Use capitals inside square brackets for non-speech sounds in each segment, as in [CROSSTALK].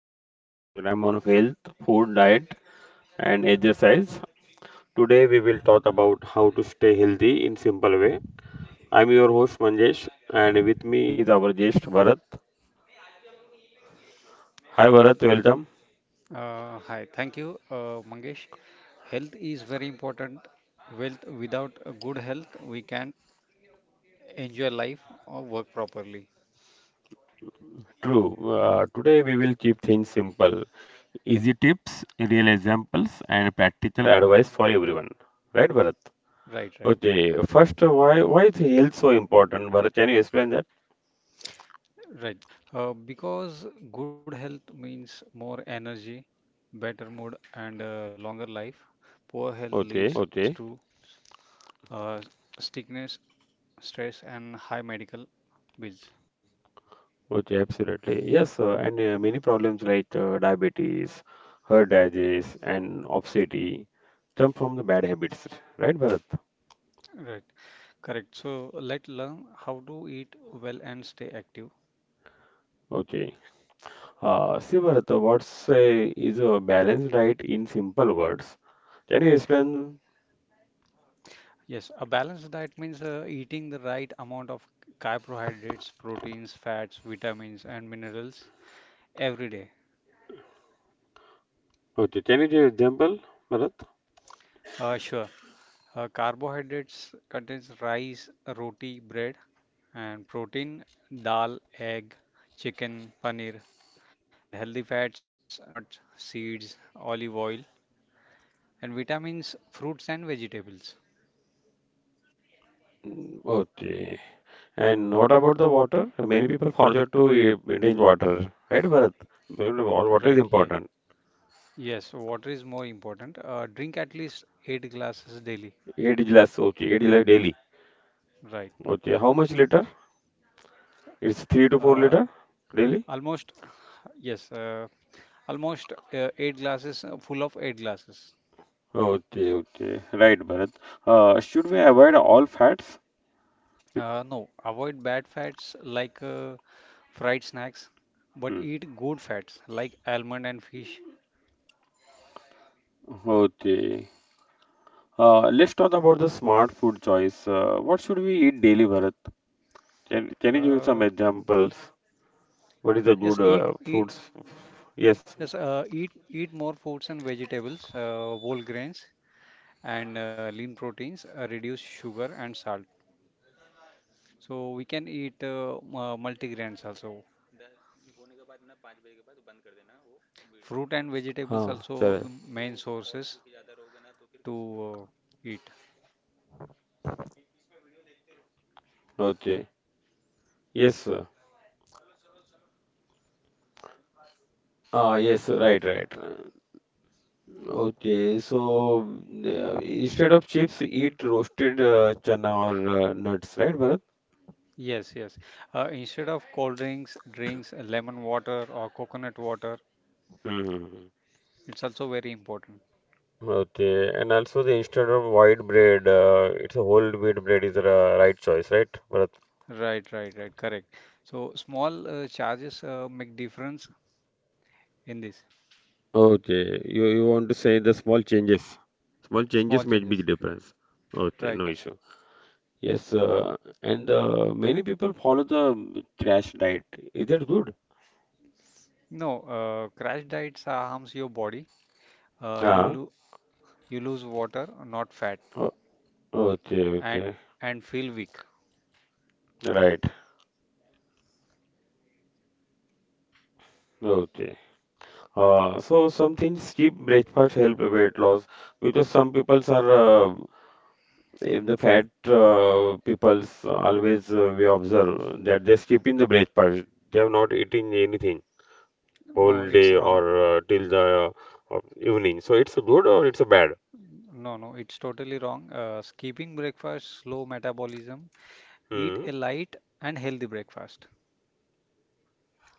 to our special program on health, food, diet and exercise. Today we will talk about how to stay healthy in simple way. I'm your host Manjesh and with me is our guest Bharat. Hi Bharat, welcome. Hi, thank you, Mangesh. Health is very important. Wealth without a good health, we can enjoy life or work properly. True, today we will keep things simple. Easy tips, real examples and practical advice for everyone. Right Bharat? Right, right, Okay, first why is health so important? Bharat, can you explain that? right. Because good health means more energy, better mood, and longer life. Poor health Okay. leads to uh, sickness, stress, and high medical bills. Which absolutely yes, and many problems like diabetes, heart disease, and obesity come from the bad habits, right, Bharat? Right, correct. So let's learn how to eat well and stay active. Okay. See, Bharat, what's is a balanced diet in simple words? Can you explain? Yes, a balance diet means eating the right amount of carbohydrates, proteins, fats, vitamins, and minerals every day. Okay, can you give example, Bharat? Sure. Carbohydrates contains rice, roti, bread, and protein, dal, egg, chicken, paneer, and healthy fats, nuts, seeds, olive oil, and vitamins, fruits, and vegetables. Okay. And what about the water? Many people forget to drink water, right, Bharat? Water is Right. Yeah. important. Yes. Water is more important. Drink at least 8 glasses daily. Eight glass, okay, eight glass daily. Right. Okay, how much liter? It's three to four Uh, liter daily? almost Yes, almost 8 glasses, full of 8 glasses. Okay, okay. Right, Bharat. Should we avoid all fats? No, avoid bad fats like fried snacks, but Hmm. eat good fats like almond and fish. Okay. Let's talk about the smart food choice. What should we eat daily, Bharat? Can you give some Uh, examples? What is the good yes, eat, eat, fruits? Yes. yes, eat more fruits and vegetables, whole grains and lean proteins. Reduce sugar and salt. So we can eat multigrains also. Fruit and vegetables हाँ चले. also the main sources to eat. Okay, yes sir. Ah, yes, right, right. Okay, so instead of chips, eat roasted chana or nuts, right, Bharat? Yes, yes. Instead of cold drinks, drinks lemon water or coconut water. Hmm. It's also very important. Okay, and also the instead of white bread, it's a whole wheat bread is the right choice, right, Bharat? Right, right, right. Correct. So small charges make difference in this. Okay, you want to say the small Small changes make changes. big difference. Okay, Right. no issue. Yes, and many people follow the trash diet. Is that good? No, crash diets harms your body. Uh, you Ah, lo you lose water, not fat, o- okay, and okay, and feel weak. right, okay. So some things cheap breakfast help weight loss because some peoples are uh, if the fat peoples always we observe that they skip in the breakfast. They have not eaten anything No, whole it's day or wrong. Till the evening. So it's a good or it's a bad. No, no, it's totally wrong. Skipping breakfast, slow metabolism. Eat Hmm. a light and healthy breakfast.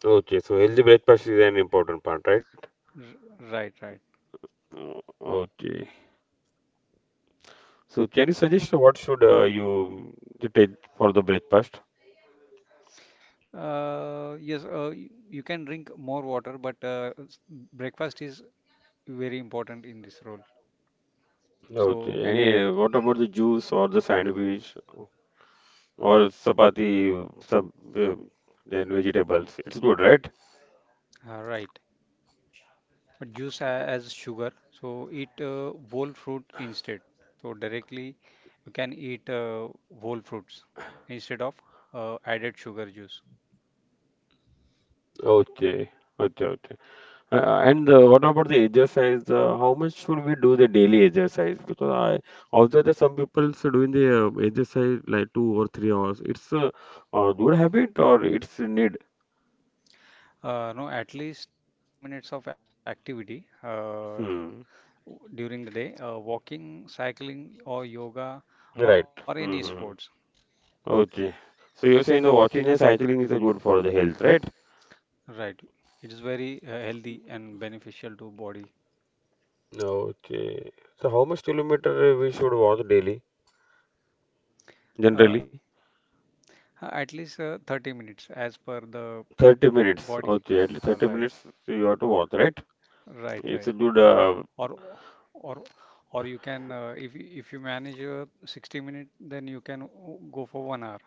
Okay, so healthy breakfast is an important part, right? R Right, right. Uh, Okay. So can you suggest what should you take for the breakfast? Yes, you can drink more water, but breakfast is very important in this role. So, Okay. Any what about the juice or the sandwich? Or chapati, some uh, then vegetables. It's good, right? Right. But juice as sugar, so eat whole fruit instead. So directly you can eat whole fruits instead of added sugar juice. Okay, okay, okay. And what about the exercise? How much should we do the daily exercise? Because I also there some people doing the exercise like 2 or 3 hours. It's a good habit or it's a need? No, at least 30 minutes of activity Hmm. During the day, walking, cycling, or yoga, or Right. any sports. Mm-hmm. Okay. So you're saying the watching and cycling is good for the health, right? Right. It is very healthy and beneficial to body. Okay. So how much kilometer we should walk daily, Uh, generally? At least 30 minutes as per the 30 minutes. body. Okay, at least 30 Right. minutes you have to watch, right? Right, It's right. a good Or or or you can if you manage 60 minutes, then you can go for 1 hour.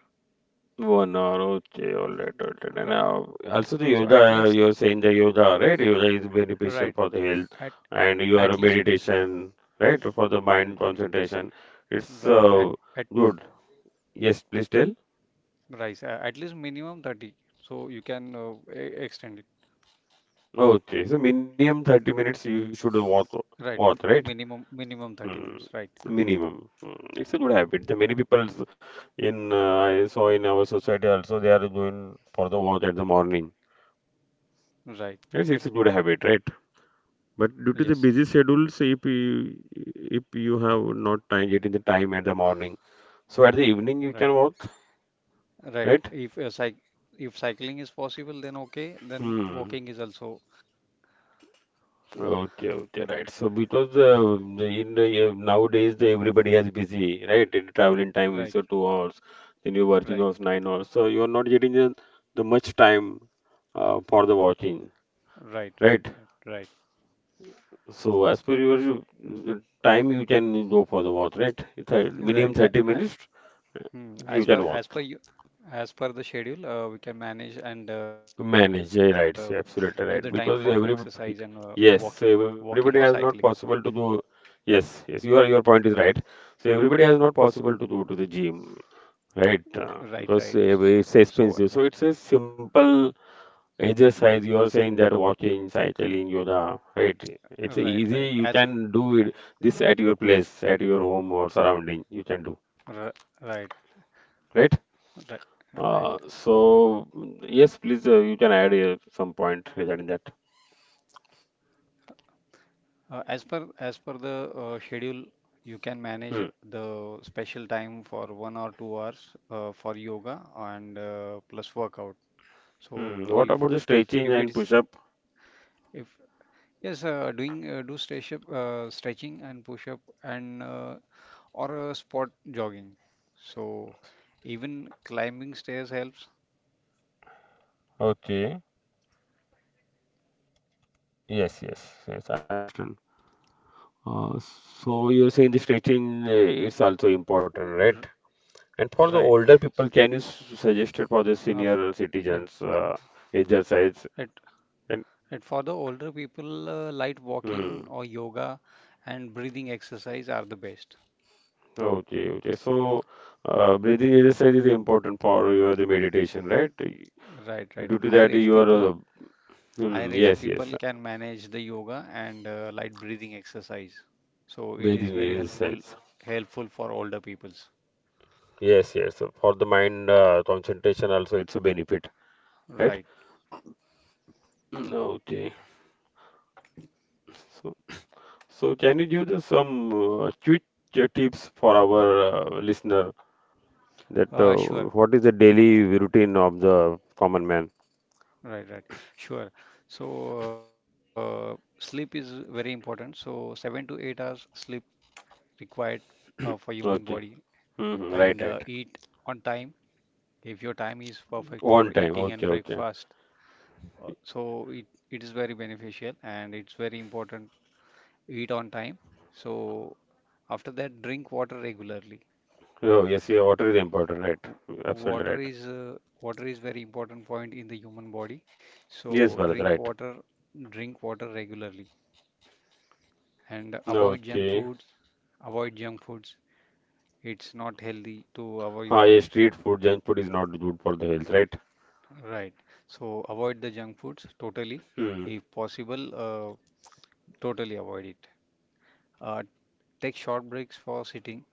1 hour. Okay, all right, all right. And Right. Also the So at yoga, least you're saying the yoga, right? Yoga is beneficial right for the health at and at your least meditation, right? For the mind concentration. It's right at uh, at good. Yes, please tell. right at least minimum 30. So you can extend it. Okay, so minimum 30 minutes you should walk, Right. walk, M- right? Minimum minimum Hmm. 30 minutes. Right. Minimum. Mm, it's a good habit. The many people in I saw in our society also they are going for the walk at the morning. Right. Yes, it's a good habit, right? But due to the Yes. busy schedules, if you have not time getting the time at the morning, so at the evening you Right. can walk, Right. right? If cycling is possible, then okay. Then Hmm. walking is also Okay, okay, right. So because nowadays the everybody has busy, right? And traveling time is right, 2 hours, then you're working right, hours 9 hours. So you're not getting the much time for the watching, right, right? right, right, So as per your time, you can go for the watch, right? It's a right, minimum right. 30 minutes you can As watch. per you, as per the schedule, we can manage, and give Manage, the yeah, time right, for so absolutely exercise right. and Because every, walking or yes, so cycling. everybody has not possible to go. Yes, yes, your point is right. So everybody has not possible to go to the gym, right? Right, Uh, right. because ev- So it's expensive. So it's a simple exercise. You are saying that walking, cycling, yoga, right? It's right, easy. right. You As can do it this at your place, at your home or surrounding. You can do, r Right, right? right, right. So mm, yes, please, you can add some point regarding that. As per the schedule, you can manage Hmm. the special time for 1 or 2 hours for yoga and plus workout. So Hmm. What about the stretching if it and is push-up? if yes, doing do stretch up, stretching and push up, and or spot jogging. So even climbing stairs helps. Okay. Yes, yes, yes. I understand. Uh, so you're saying the stretching is also important, R right? And for the Right. older people, can you suggest it for the Uh, f- senior citizens exercise? right. And And for the older people, light hmm. walking or yoga and breathing exercise are the best. Okay, okay. So breathing exercise is important for your the meditation, right? Due Right, right. to that, Higher age yes, yes. people can manage the yoga and light breathing exercise. So it is Breathing very exercise. helpful for older peoples. Yes, yes. For the mind concentration also, it's a benefit, right? Right. Mm, okay. So, so can you give us some quick tips for our listener that Sure. what is the daily routine of the common man? Right, right. Sure. So sleep is very important. So 7 to 8 hours sleep required for human body, Okay. and Hmm. Right, right. eat on time if your time is perfect for On time. eating Okay, and okay. breakfast, so it is very beneficial, and it's very important eat on time. So after that drink water regularly. Oh, yes, yeah, water is important, right. W- Absolutely water right. is uh, Water is very important point in the human body, Yes, so Bharat, right. Drink water regularly, and Okay. Avoid junk foods. It's not healthy to our Ah, yeah, body. street food, junk food is not good for the health, right? Right. So avoid the junk foods totally, Hmm. if possible. Totally avoid it. uh, Take short breaks for sitting.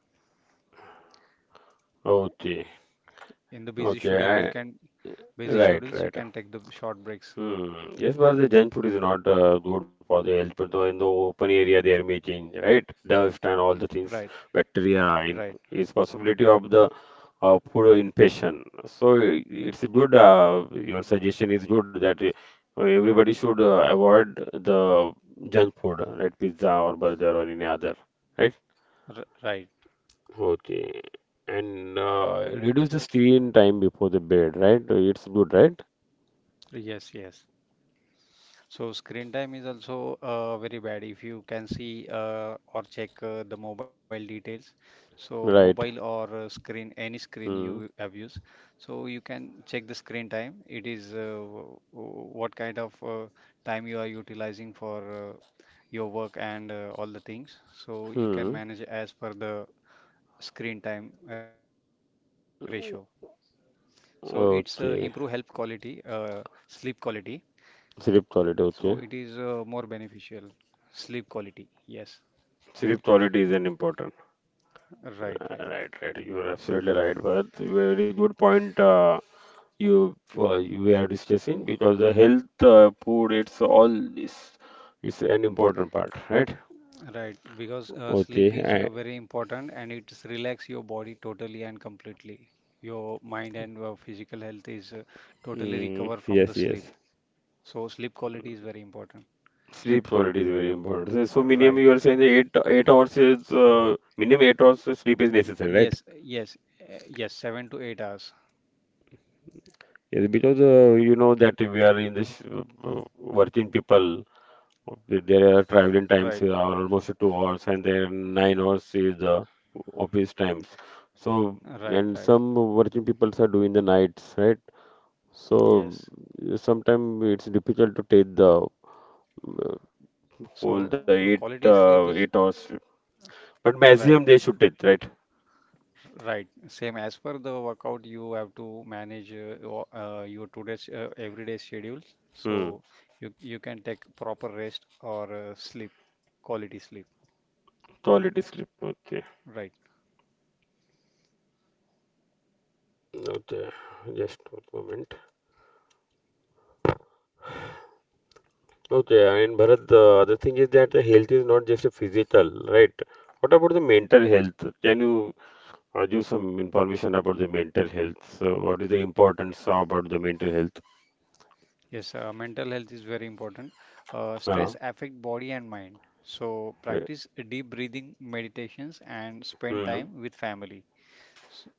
Okay. in the busy schedule you Okay. can busy Right, schedules you right. can take the short breaks. Hmm. Yes, but the junk food is not good for the health. But though in the open area, there may change, right? Dust and all the things, Right, bacteria, in, right, is possibility of the food infection. So it's good. Your suggestion is good that everybody should avoid the junk food, right? Pizza or burger or any other, right? Right. Okay. And reduce the screen time before the bed, right? It's good, right? Yes, yes. So screen time is also very bad if you can see or check the mobile details. So mobile Right. or screen, any screen you Hmm. abuse. So you can check the screen time. It is what kind of time you are utilizing for your work and all the things. So you can Hmm. manage as per the screen time ratio. So it's improve health quality, Okay. Sleep quality, so Sleep it quality, is okay. More beneficial. Sleep quality. Yes, Sleep quality is an important. right, right, Right, right. You are absolutely right, Bharat. Very good point. You We are discussing because the health, food, it's all this is an important part, right? right. Because Okay. sleep is I, very important, and it relax your body totally and completely. Your mind and physical health is totally recover from the yes, sleep. yes. So sleep quality is very important. Sleep quality is very important. So minimum Right. you are saying the 8 8 hours is minimum 8 hours of sleep is necessary, right? Yes, yes, yes. 7 to 8 hours. Yes, because you know that we are in this working people. There are traveling times Right, are almost 2 hours, and then 9 hours is the office times. So, right, and right. some working people are doing the nights, right? So, Yes. sometimes it's difficult to take the uh, So whole the eight quality sleep is uh, 8 hours, but right. maximum they should take, right? Right. Same as per the workout, you have to manage your today's everyday schedules. Hmm. So you can take proper rest or sleep, quality sleep. Quality sleep. Okay. Right. Okay. Just one moment. Okay, and Bharat, the other thing is that the health is not just a physical, right? What about the mental health? Can you give some information about the mental health. So, what is the importance about the mental health? Yes. Mental health is very important. Uh, Stress affect body and mind. So right. practice deep breathing meditations and spend Hmm. time with family. S-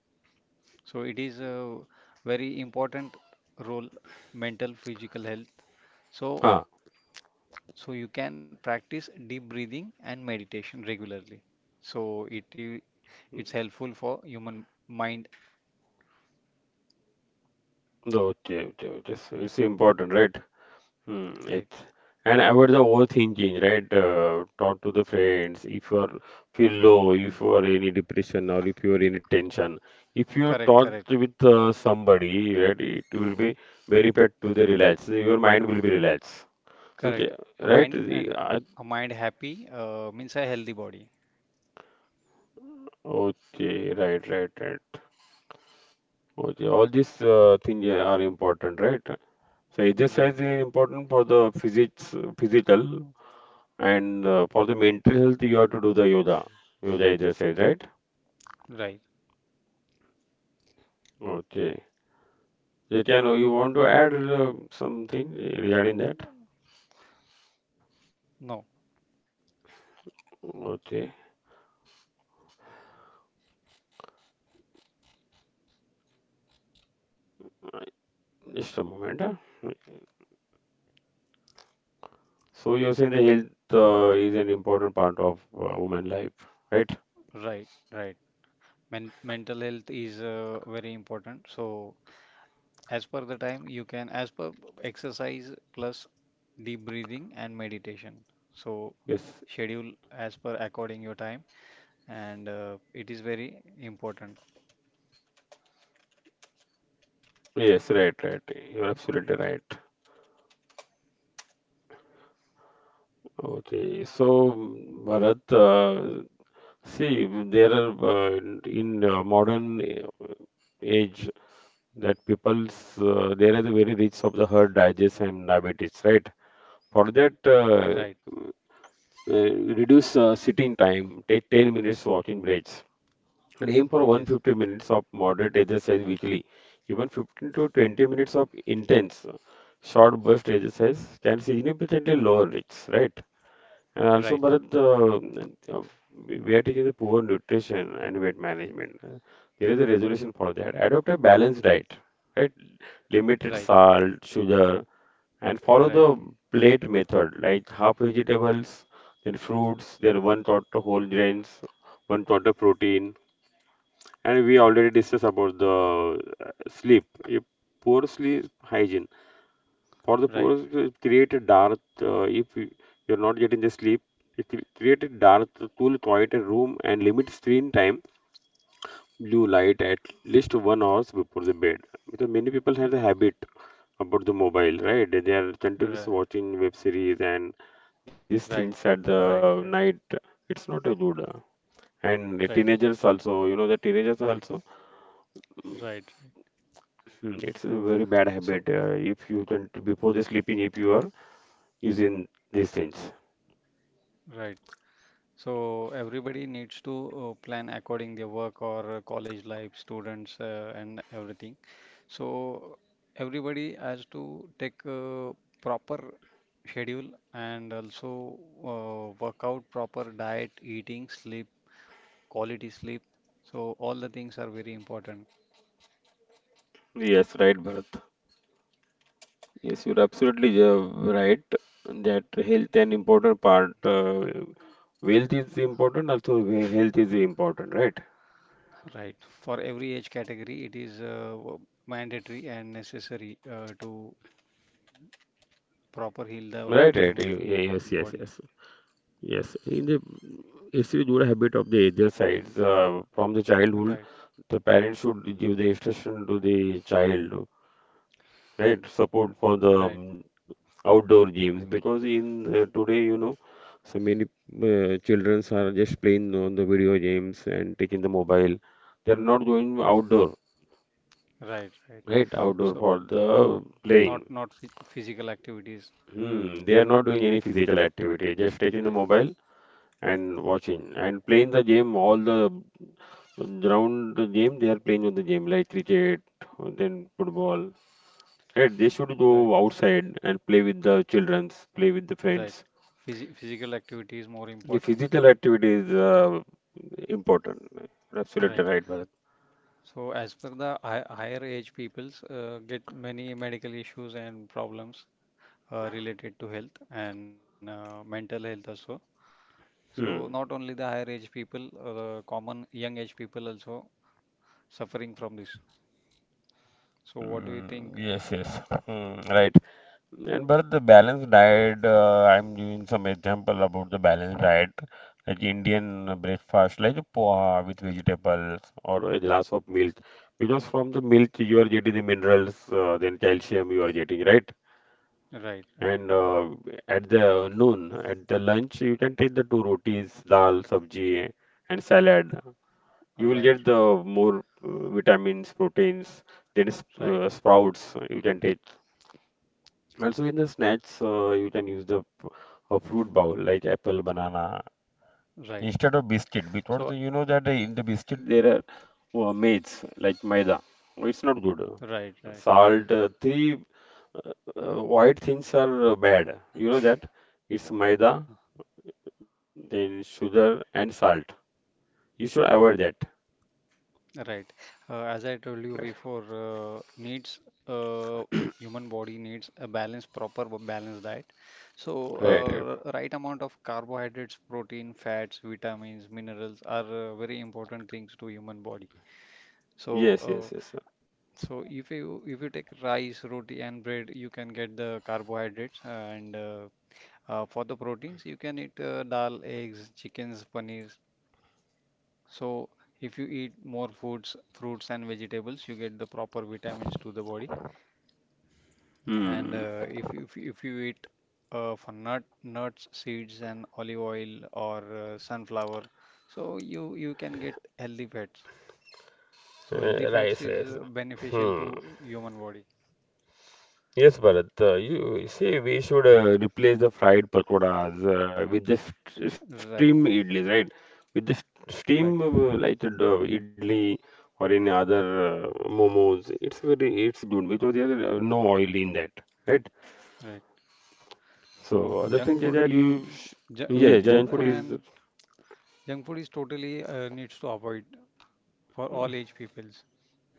So it is a very important role, mental, physical health. So Ah, so you can practice deep breathing and meditation regularly, so it i- it's helpful for human mind. no, okay, okay, okay. So it's important, right? Hmm. Right. It's and about the overthinking, right? Talk to the friends. If you are feel low, if you are any depression or if you are any tension, if you Correct, talk correct, with somebody, right, it will be benefit to the relax. Your mind will be relaxed. So, j- correct. A right? mind, and the- I- a mind happy means a healthy body. Okay, right, right, right. Okay, all these things are important, right? So exercise Right, is important for the physics, physical, and for the mental health, you have to do the yoga, yoga exercise, right? right. Okay. Jatian, you want to add something regarding that? No, Okay, just a moment. Huh? So you're saying the health is an important part of woman life, right? right, right. Mental health is very important. So as per the time you can, as per, exercise plus deep breathing and meditation, so Yes, schedule as per according your time, and it is very important. yes, right, right. You're absolutely right. Okay, so mm, Bharat, see, mm, there are in, modern age that people's there is a very risk of the heart digest and diabetes, right? For that, Right. Uh, reduce sitting time, take 10 minutes walking breaks, and aim for Yes, 150 minutes of moderate exercise weekly. Even 15 to 20 minutes of intense, short burst exercise can significantly lower risks, right? And also, right, Bharat, we are taking the poor nutrition and weight management. There is a resolution for that. Adopt a balanced diet, right? Limited right, salt, sugar, and follow right, the plate method, like half vegetables, then fruits, then one quarter whole grains, one quarter protein. And we already discussed about the sleep, a poor sleep hygiene. For the right, right, poor, it create a dark, if you- you're not getting the sleep, it will create a dark, cool, quiet room and limit screen time, blue light at least 1 hours before the bed. Because many people have the habit about the mobile, right? They are continuously right, watching web series and these right, things at right, the night. It's not a good. And the right, teenagers also, you know, the teenagers also, right. hmm, it's a very bad So habit. If you can, before the sleeping, if you are using these things. right. So everybody needs to plan according their work, or college life students, and everything. So everybody has to take a proper schedule, and also work out proper diet, eating sleep, quality sleep. So all the things are very important, Yes, right, Bharat. Yes, you're absolutely right that health an important part. Wealth is important, also health is important, right? right? For every age category, it is mandatory and necessary to proper heal the Right, right. y- human y- body. Yes, yes, yes. Yes, in the It's a good habit of the either sides from the Right, childhood. The parents should give the instruction to the child, right? Support for the right, outdoor games because in today so many children are just playing on the video games and taking the mobile, they are not going outdoor, right, right. right? Outdoor So for the not playing. not phy- physical activities. Hmm, they are not doing any physical activity, just taking the Right, mobile and watching and playing the game all the ground game, they are playing on the game like cricket, then football, right? They should go right, outside and play with the childrens, play with the right. friends. Physical activity is more Yeah, important. physical activity activities important. You're absolutely Right. right, Bharat. So as per the hi higher age peoples get many medical issues and problems related to health and mental health also. So Hmm. not only the higher age people, the common young age people also suffering from this. So what do you Mm, think? yes, yes. Hmm, right. And Bharat, the balanced diet, I'm giving some example about the balanced diet, like Indian breakfast, like poha with vegetables or a glass of milk. Because from the milk you are getting the minerals, then calcium you are getting, right? Right, And right, at the noon, at the lunch, you can take the two rotis, dal, sabji, and salad. You will get right, the more vitamins, proteins, then is- right, sprouts you can take. Also in the snacks, you can use a fruit bowl like apple, banana right. instead of biscuit So because you know that in the biscuit there are maids like maida. It's not good. right, right, Salt, three white things are bad. You know that it's maida, then sugar and salt. You should avoid that. right. As I [LAUGHS] told you before, needs human body needs a balanced, proper balanced diet. So Right, right. R- right amount of carbohydrates, protein, fats, vitamins, minerals are very important things to human body. So Yes, uh, yes, yes, sir. So if you take rice, roti, and bread, you can get the carbohydrates, and for the proteins, you can eat dal, eggs, chickens, paneers. So if you eat more foods, fruits and vegetables, you get the proper vitamins to the body. And Hmm. If you eat for nut nuts, seeds, and olive oil or sunflower, so you can get healthy fats. So healthy fats rice, is rice. Beneficial Hmm. to human body. Yes, Bharat. You see, we should replace the fried pakoras with the st Right, steam idlis, right? With the st right, steam like idli or any other momos. It's good because there's no oil in that, right? right. So So other junk thing is food, that you sh ju- junk yes, food junk food and is junk food is totally needs to avoid for all age peoples.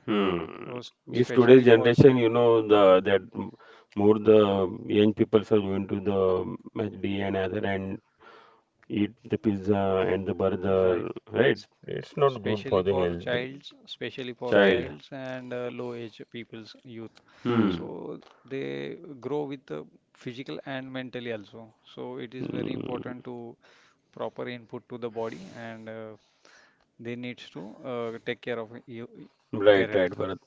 hmm. So If especially today's for child, generation, you know the that more the young people are going to the MACD and other and eat the pizza and the right? burger, right? S- It's not good for the Especially for child. childs and low age people's youth. Hmm. So they grow with the physical and mentally also. So it is very Hmm. important to proper input to the body, and they needs to take care of you, Right, their right, health. Bharat.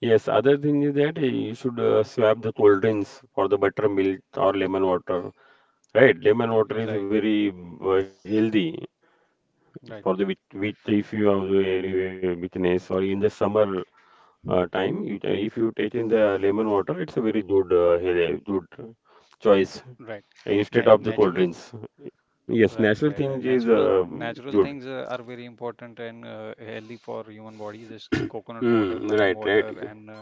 Yes, other thing is that you should swap the cold drinks for the buttermilk or lemon water. Right, lemon Right, water is very healthy for right. the wit wit if you have the any weakness or in the summer time, if you take in the lemon water, it's a very good health, good choice Right. Instead of the cold Natural. drinks. Yes, Right, right, national right. thing is Natural things good. Are very important and healthy for human body. Just [COUGHS] [CLEARS THROAT] coconut water, Hmm, lime right, water, right. and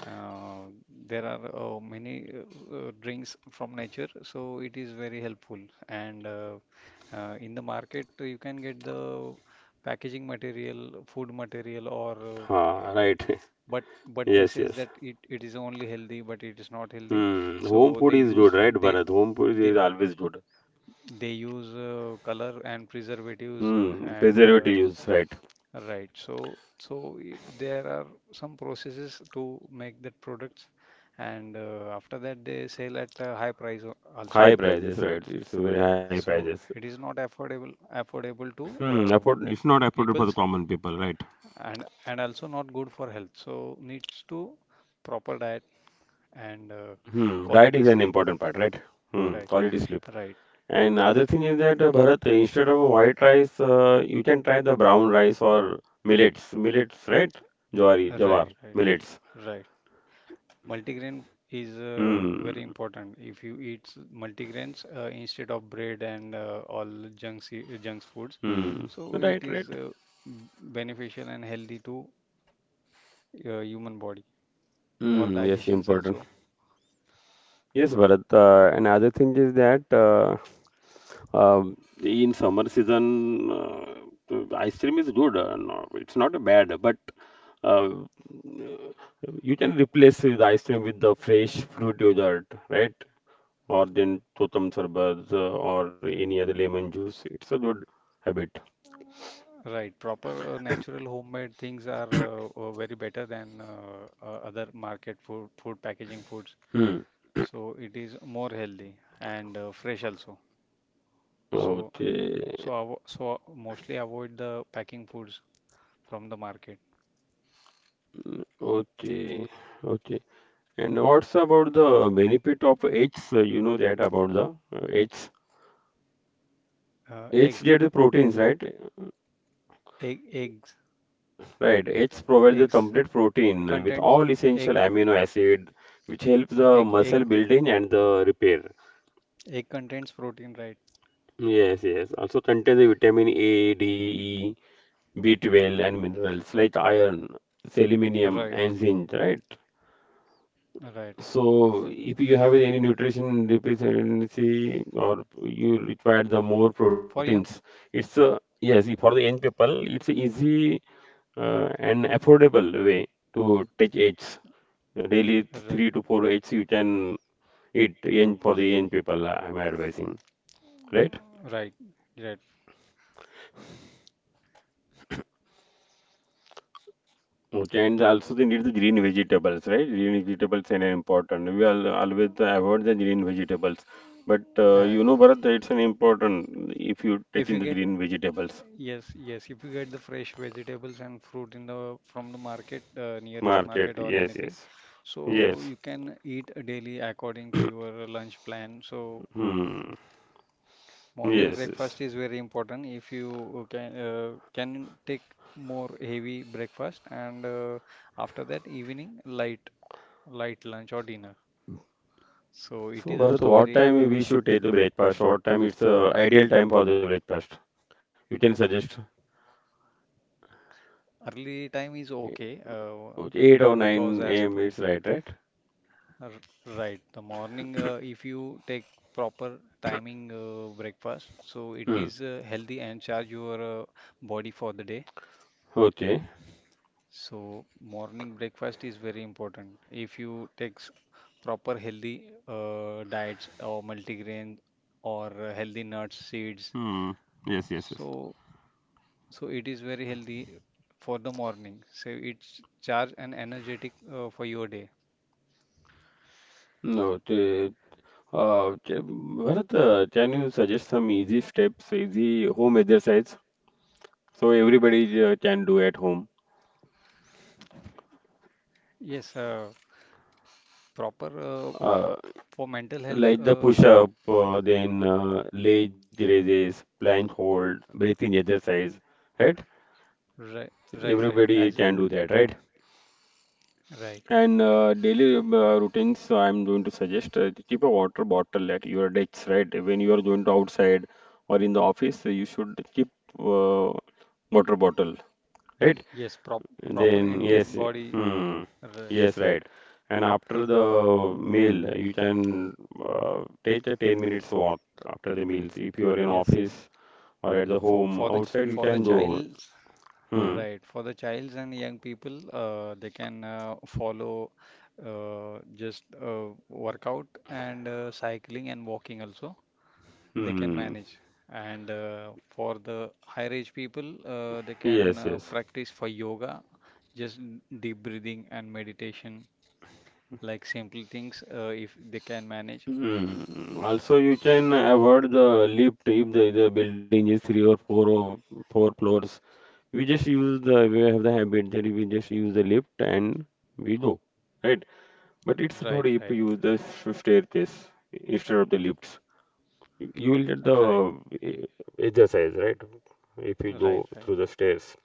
uh, there are many drinks from nature, so it is very helpful. And in the market, you can get the packaging material, food material, or eh, Ha, eh, right. but [LAUGHS] but this Yes, is yes. that it is only healthy, but it is not healthy. Hmm, home So food is good, right, Bharat? Home food they is always good. they use color and preservatives, Hmm, and preservative use, right. right. So there are some processes to make that products, and after that they sell at a high price also, High prices, right. It's very so high it prices. is not affordable to Hmm, uh, afford it's not affordable for peoples, the common people, right? and also not good for health, so needs to proper diet and Hmm, diet quality is an sleep. important part, right? Hmm, Right, quality sleep. right, And other thing is that Bharat, instead of white rice, you can try the brown rice or millets, right? Jawari, jawar, right, right, millets. right. Multigrain is Hmm. very important. If you eat multigrains instead of bread and all junk foods, Hmm. so it Right, is right. B- beneficial and healthy to human body or Hmm. Yes. digestions Important. also. Yes, Bharat. Another thing is that um in summer season, the ice cream is good. No, it's not bad, but uh, you can replace the ice cream with the fresh fruit yogurt, right? Or then totam sarbat or any other lemon juice. It's a good habit. Right, proper natural homemade things are very better than other market food, food packaging foods. Hmm. So it is more healthy and fresh also. So Okay. so mostly avoid the packing foods from the market. Okay. Okay. And what's about the benefit of eggs? Uh, you know that about the eggs. Uh, Eggs eggs, get the proteins, right? egg, eggs, Right. Eggs provide the eggs complete protein with contains all egg, essential amino acid, which helps egg, the egg, muscle building and the repair. Egg contains protein, right? Yes, yes. Also contains the vitamin A, D, E, B12, and minerals like iron, Right, selenium, and zinc, right? right. So, if you have any nutrition deficiency or you require the more For young, proteins, it's a yes, if for the young people, it's a easy and affordable way to take eggs. Daily right, three to four eggs you can eat young for the young people. Uh, I'm advising, right? right, right. Okay, and also they need the green vegetables, right? Green vegetables are important. We all always avoid the green vegetables, but Uh, you know, Bharat, that it's an important if you take if in you the get green vegetables. Yes, yes, if you get the fresh vegetables and fruit in the from the market, nearest Market, market or yes, anything, yes, so yes, you can eat daily according to your lunch plan. So hmm, morning yes, yes. breakfast is very important. If you can take more heavy breakfast, and after that evening light lunch or dinner. So it So, is Bharat, also what very time we helpful. should take the breakfast? What time it's ideal time for the breakfast? You can suggest Early time is okay, okay, eight or because nine a.m. It's right, right? r- right, the morning, if you take proper timing breakfast, so it is Hmm. Healthy and charge your body for the day. Okay. So morning breakfast is very important. If you take proper healthy diets or multigrain or healthy nuts, seeds, Hmm. Yes, yes, yes. so so it is very healthy for the morning. So it's charge and energetic for your day. No. Bharat, can you suggest some easy steps, easy home exercise, so everybody can do at home? Yes, proper, Uh, for mental health. like the push We up, then leg raises, plank hold, breathing exercise, right? Right, right, right, as Everybody can do that, right? right. And daily routines, I'm going to suggest to keep a water bottle at your desk, right? When you are going to outside or in the office, you should keep uh, water bottle, right? Yes, proper Then intake yes, body. hmm, Right. yes, right. And after the meal, you can take a 10 minutes walk after the meals. If you are in Yes, office or at the home, outside you for the can go. child. Hmm, Right. For the childs and young people, they can follow just workout and cycling and walking also. They can hmm, manage. And for the higher age people, they can yes, yes. practice for yoga, just deep breathing and meditation, like simple things if they can manage. Hmm. Also, you can avoid the lift if the building is three or four floors. We just use the we have the habit that we just use the lift and we go, right? But it's Right, good if right, you use the staircase instead of the lifts. You will get right, the eh, exercise, right? If you right, go right. through the stairs.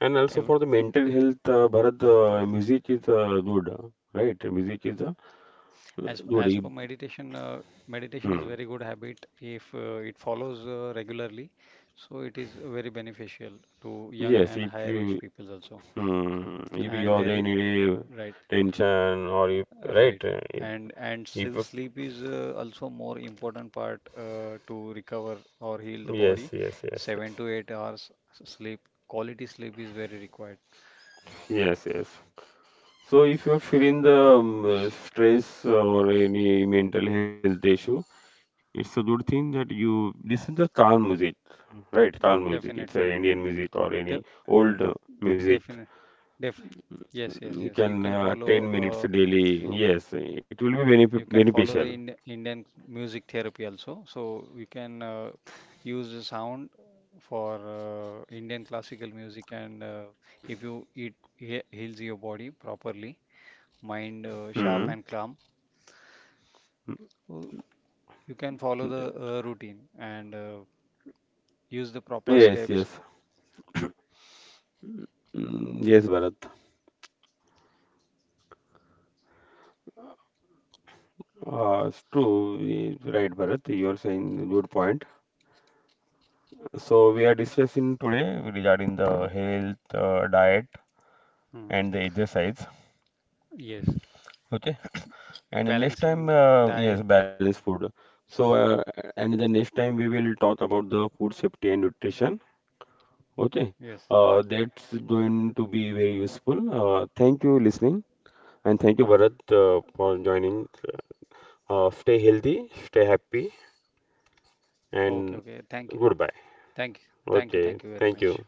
And also Ev for the mental health, Bharat, music is good, right? Music As is as for meditation, good. If, meditation is very good hmm. habit if it follows regularly. So it is very beneficial to young and higher Yes, if age people you also. hmm, And if there you is have the any day right, tension or if right. right, eh, if And if- sleep is also more important part to recover or heal the yes, body. yes, yes, Seven yes, to eight hours sleep, quality sleep is very required. yes, yes. So if you're feeling the S stress or any mental health issue, it's a good thing that you listen to calm music, right? Calm music. definitely, It's a Indian music or De any old definitely, music. def. Yes, yes, yes. You can 10 uh, minutes daily. Yes, it will be You benef can follow the beneficial. Indian music therapy also. So you can use the sound for Indian classical music, and if you it heals your body properly, mind sharp Hmm. and calm, uh, you can follow the routine and use the proper Yes, steps. yes. Mm, yes, Bharat. It's true. Right, Bharat. You are saying good point. So we are discussing today regarding the health, diet, Mm. and the exercise. Yes, Okay. And the next balancing time, diet. Yes, balanced food. So, and the next time we will talk about the food safety and nutrition. Okay, Yes. That's going to be very useful. Thank you listening, and thank you Bharat for joining. Stay healthy, stay happy, Okay. and Okay. Thank you. goodbye. Thank you. Thank you. Thank Okay, you very thank much. you.